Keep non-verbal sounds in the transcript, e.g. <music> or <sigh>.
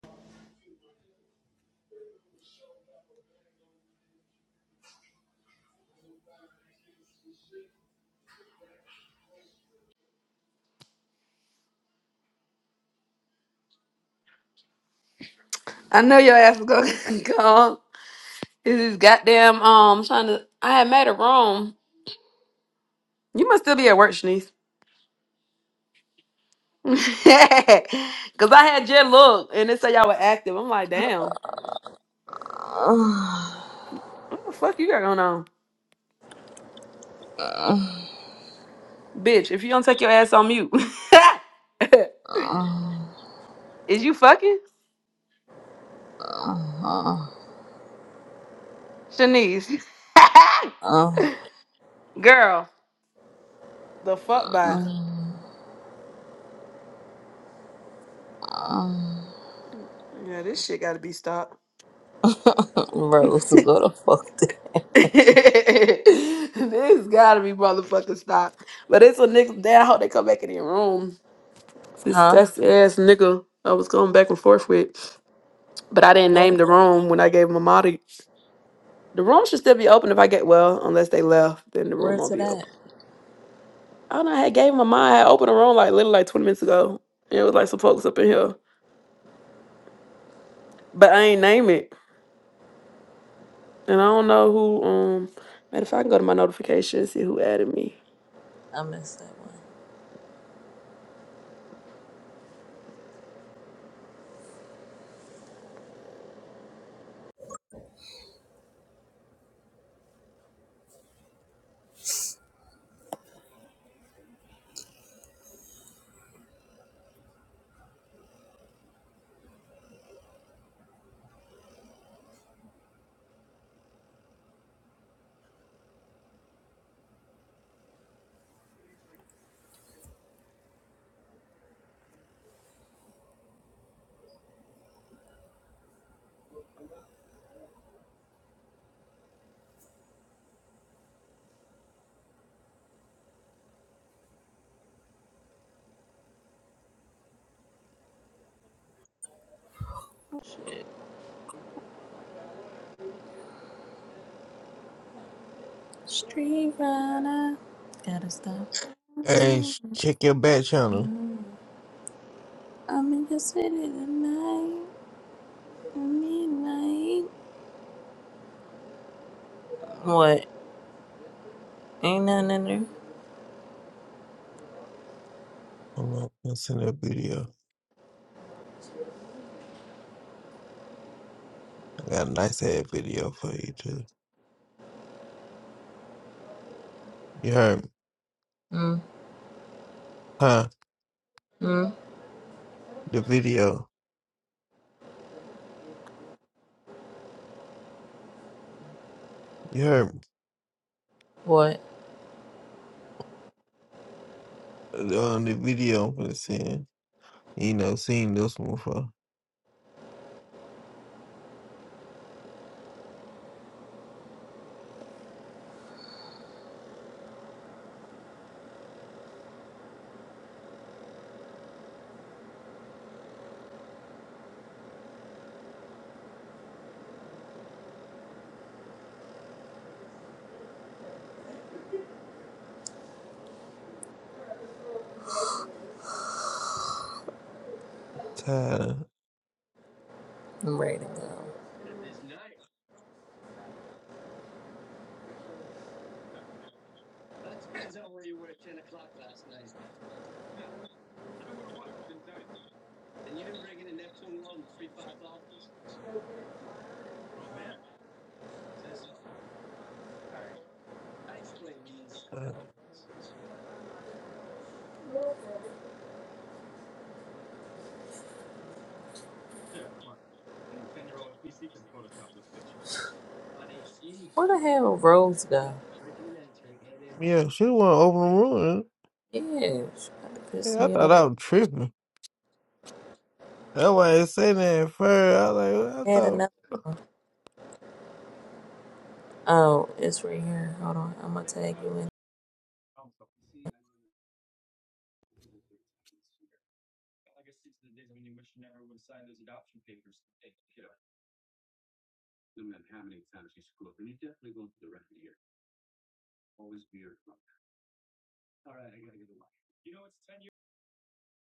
I know your ass was gonna <laughs> come. It's this goddamn um trying to I had made a room. You must still be at work, Shanice. <laughs> Cause I had just looked and it said y'all were active. I'm like, damn, what the fuck you got going on? Bitch, if you don't take your ass on mute. <laughs> Is you fucking? Shanice. <laughs> Girl, the fuck bye. Yeah, this shit gotta be stopped. Rose, go the fuck to <laughs> this gotta be motherfucking stopped. But it's a nigga. Damn, I hope they come back in the room. This Huh? that's the ass nigga I was going back and forth with. But I didn't name Where? the room when I gave him a mod. The room should still be open if I get well, unless they left, then the room Where's won't it be at? open. I don't know, I had gave him a mod, I had opened a room like literally like 20 minutes ago. And it was like some folks up in here. But I ain't name it. And I don't know who um matter of fact I can go to my notifications, see who added me. I missed that one. Street runner. Gotta stop. Hey, sh- check your back channel. I'm in the city tonight. midnight. What? Ain't nothing in there? Hold on, I send a video. I got a nice ass video for you too. You heard me? Mm. Huh? Mm. The video. You heard me? What? Uh, the video I'm gonna send. You know, seen this one before. Tired. I'm ready to go. Uh, Where the hell Rose go? yeah, she wanna open the room. Yeah, she about to piss Yeah, I me thought off. I was tripping. That's why I said that at first. I was like, I Had thought. another one. Oh, it's right here. Hold on. I'm gonna tag you in.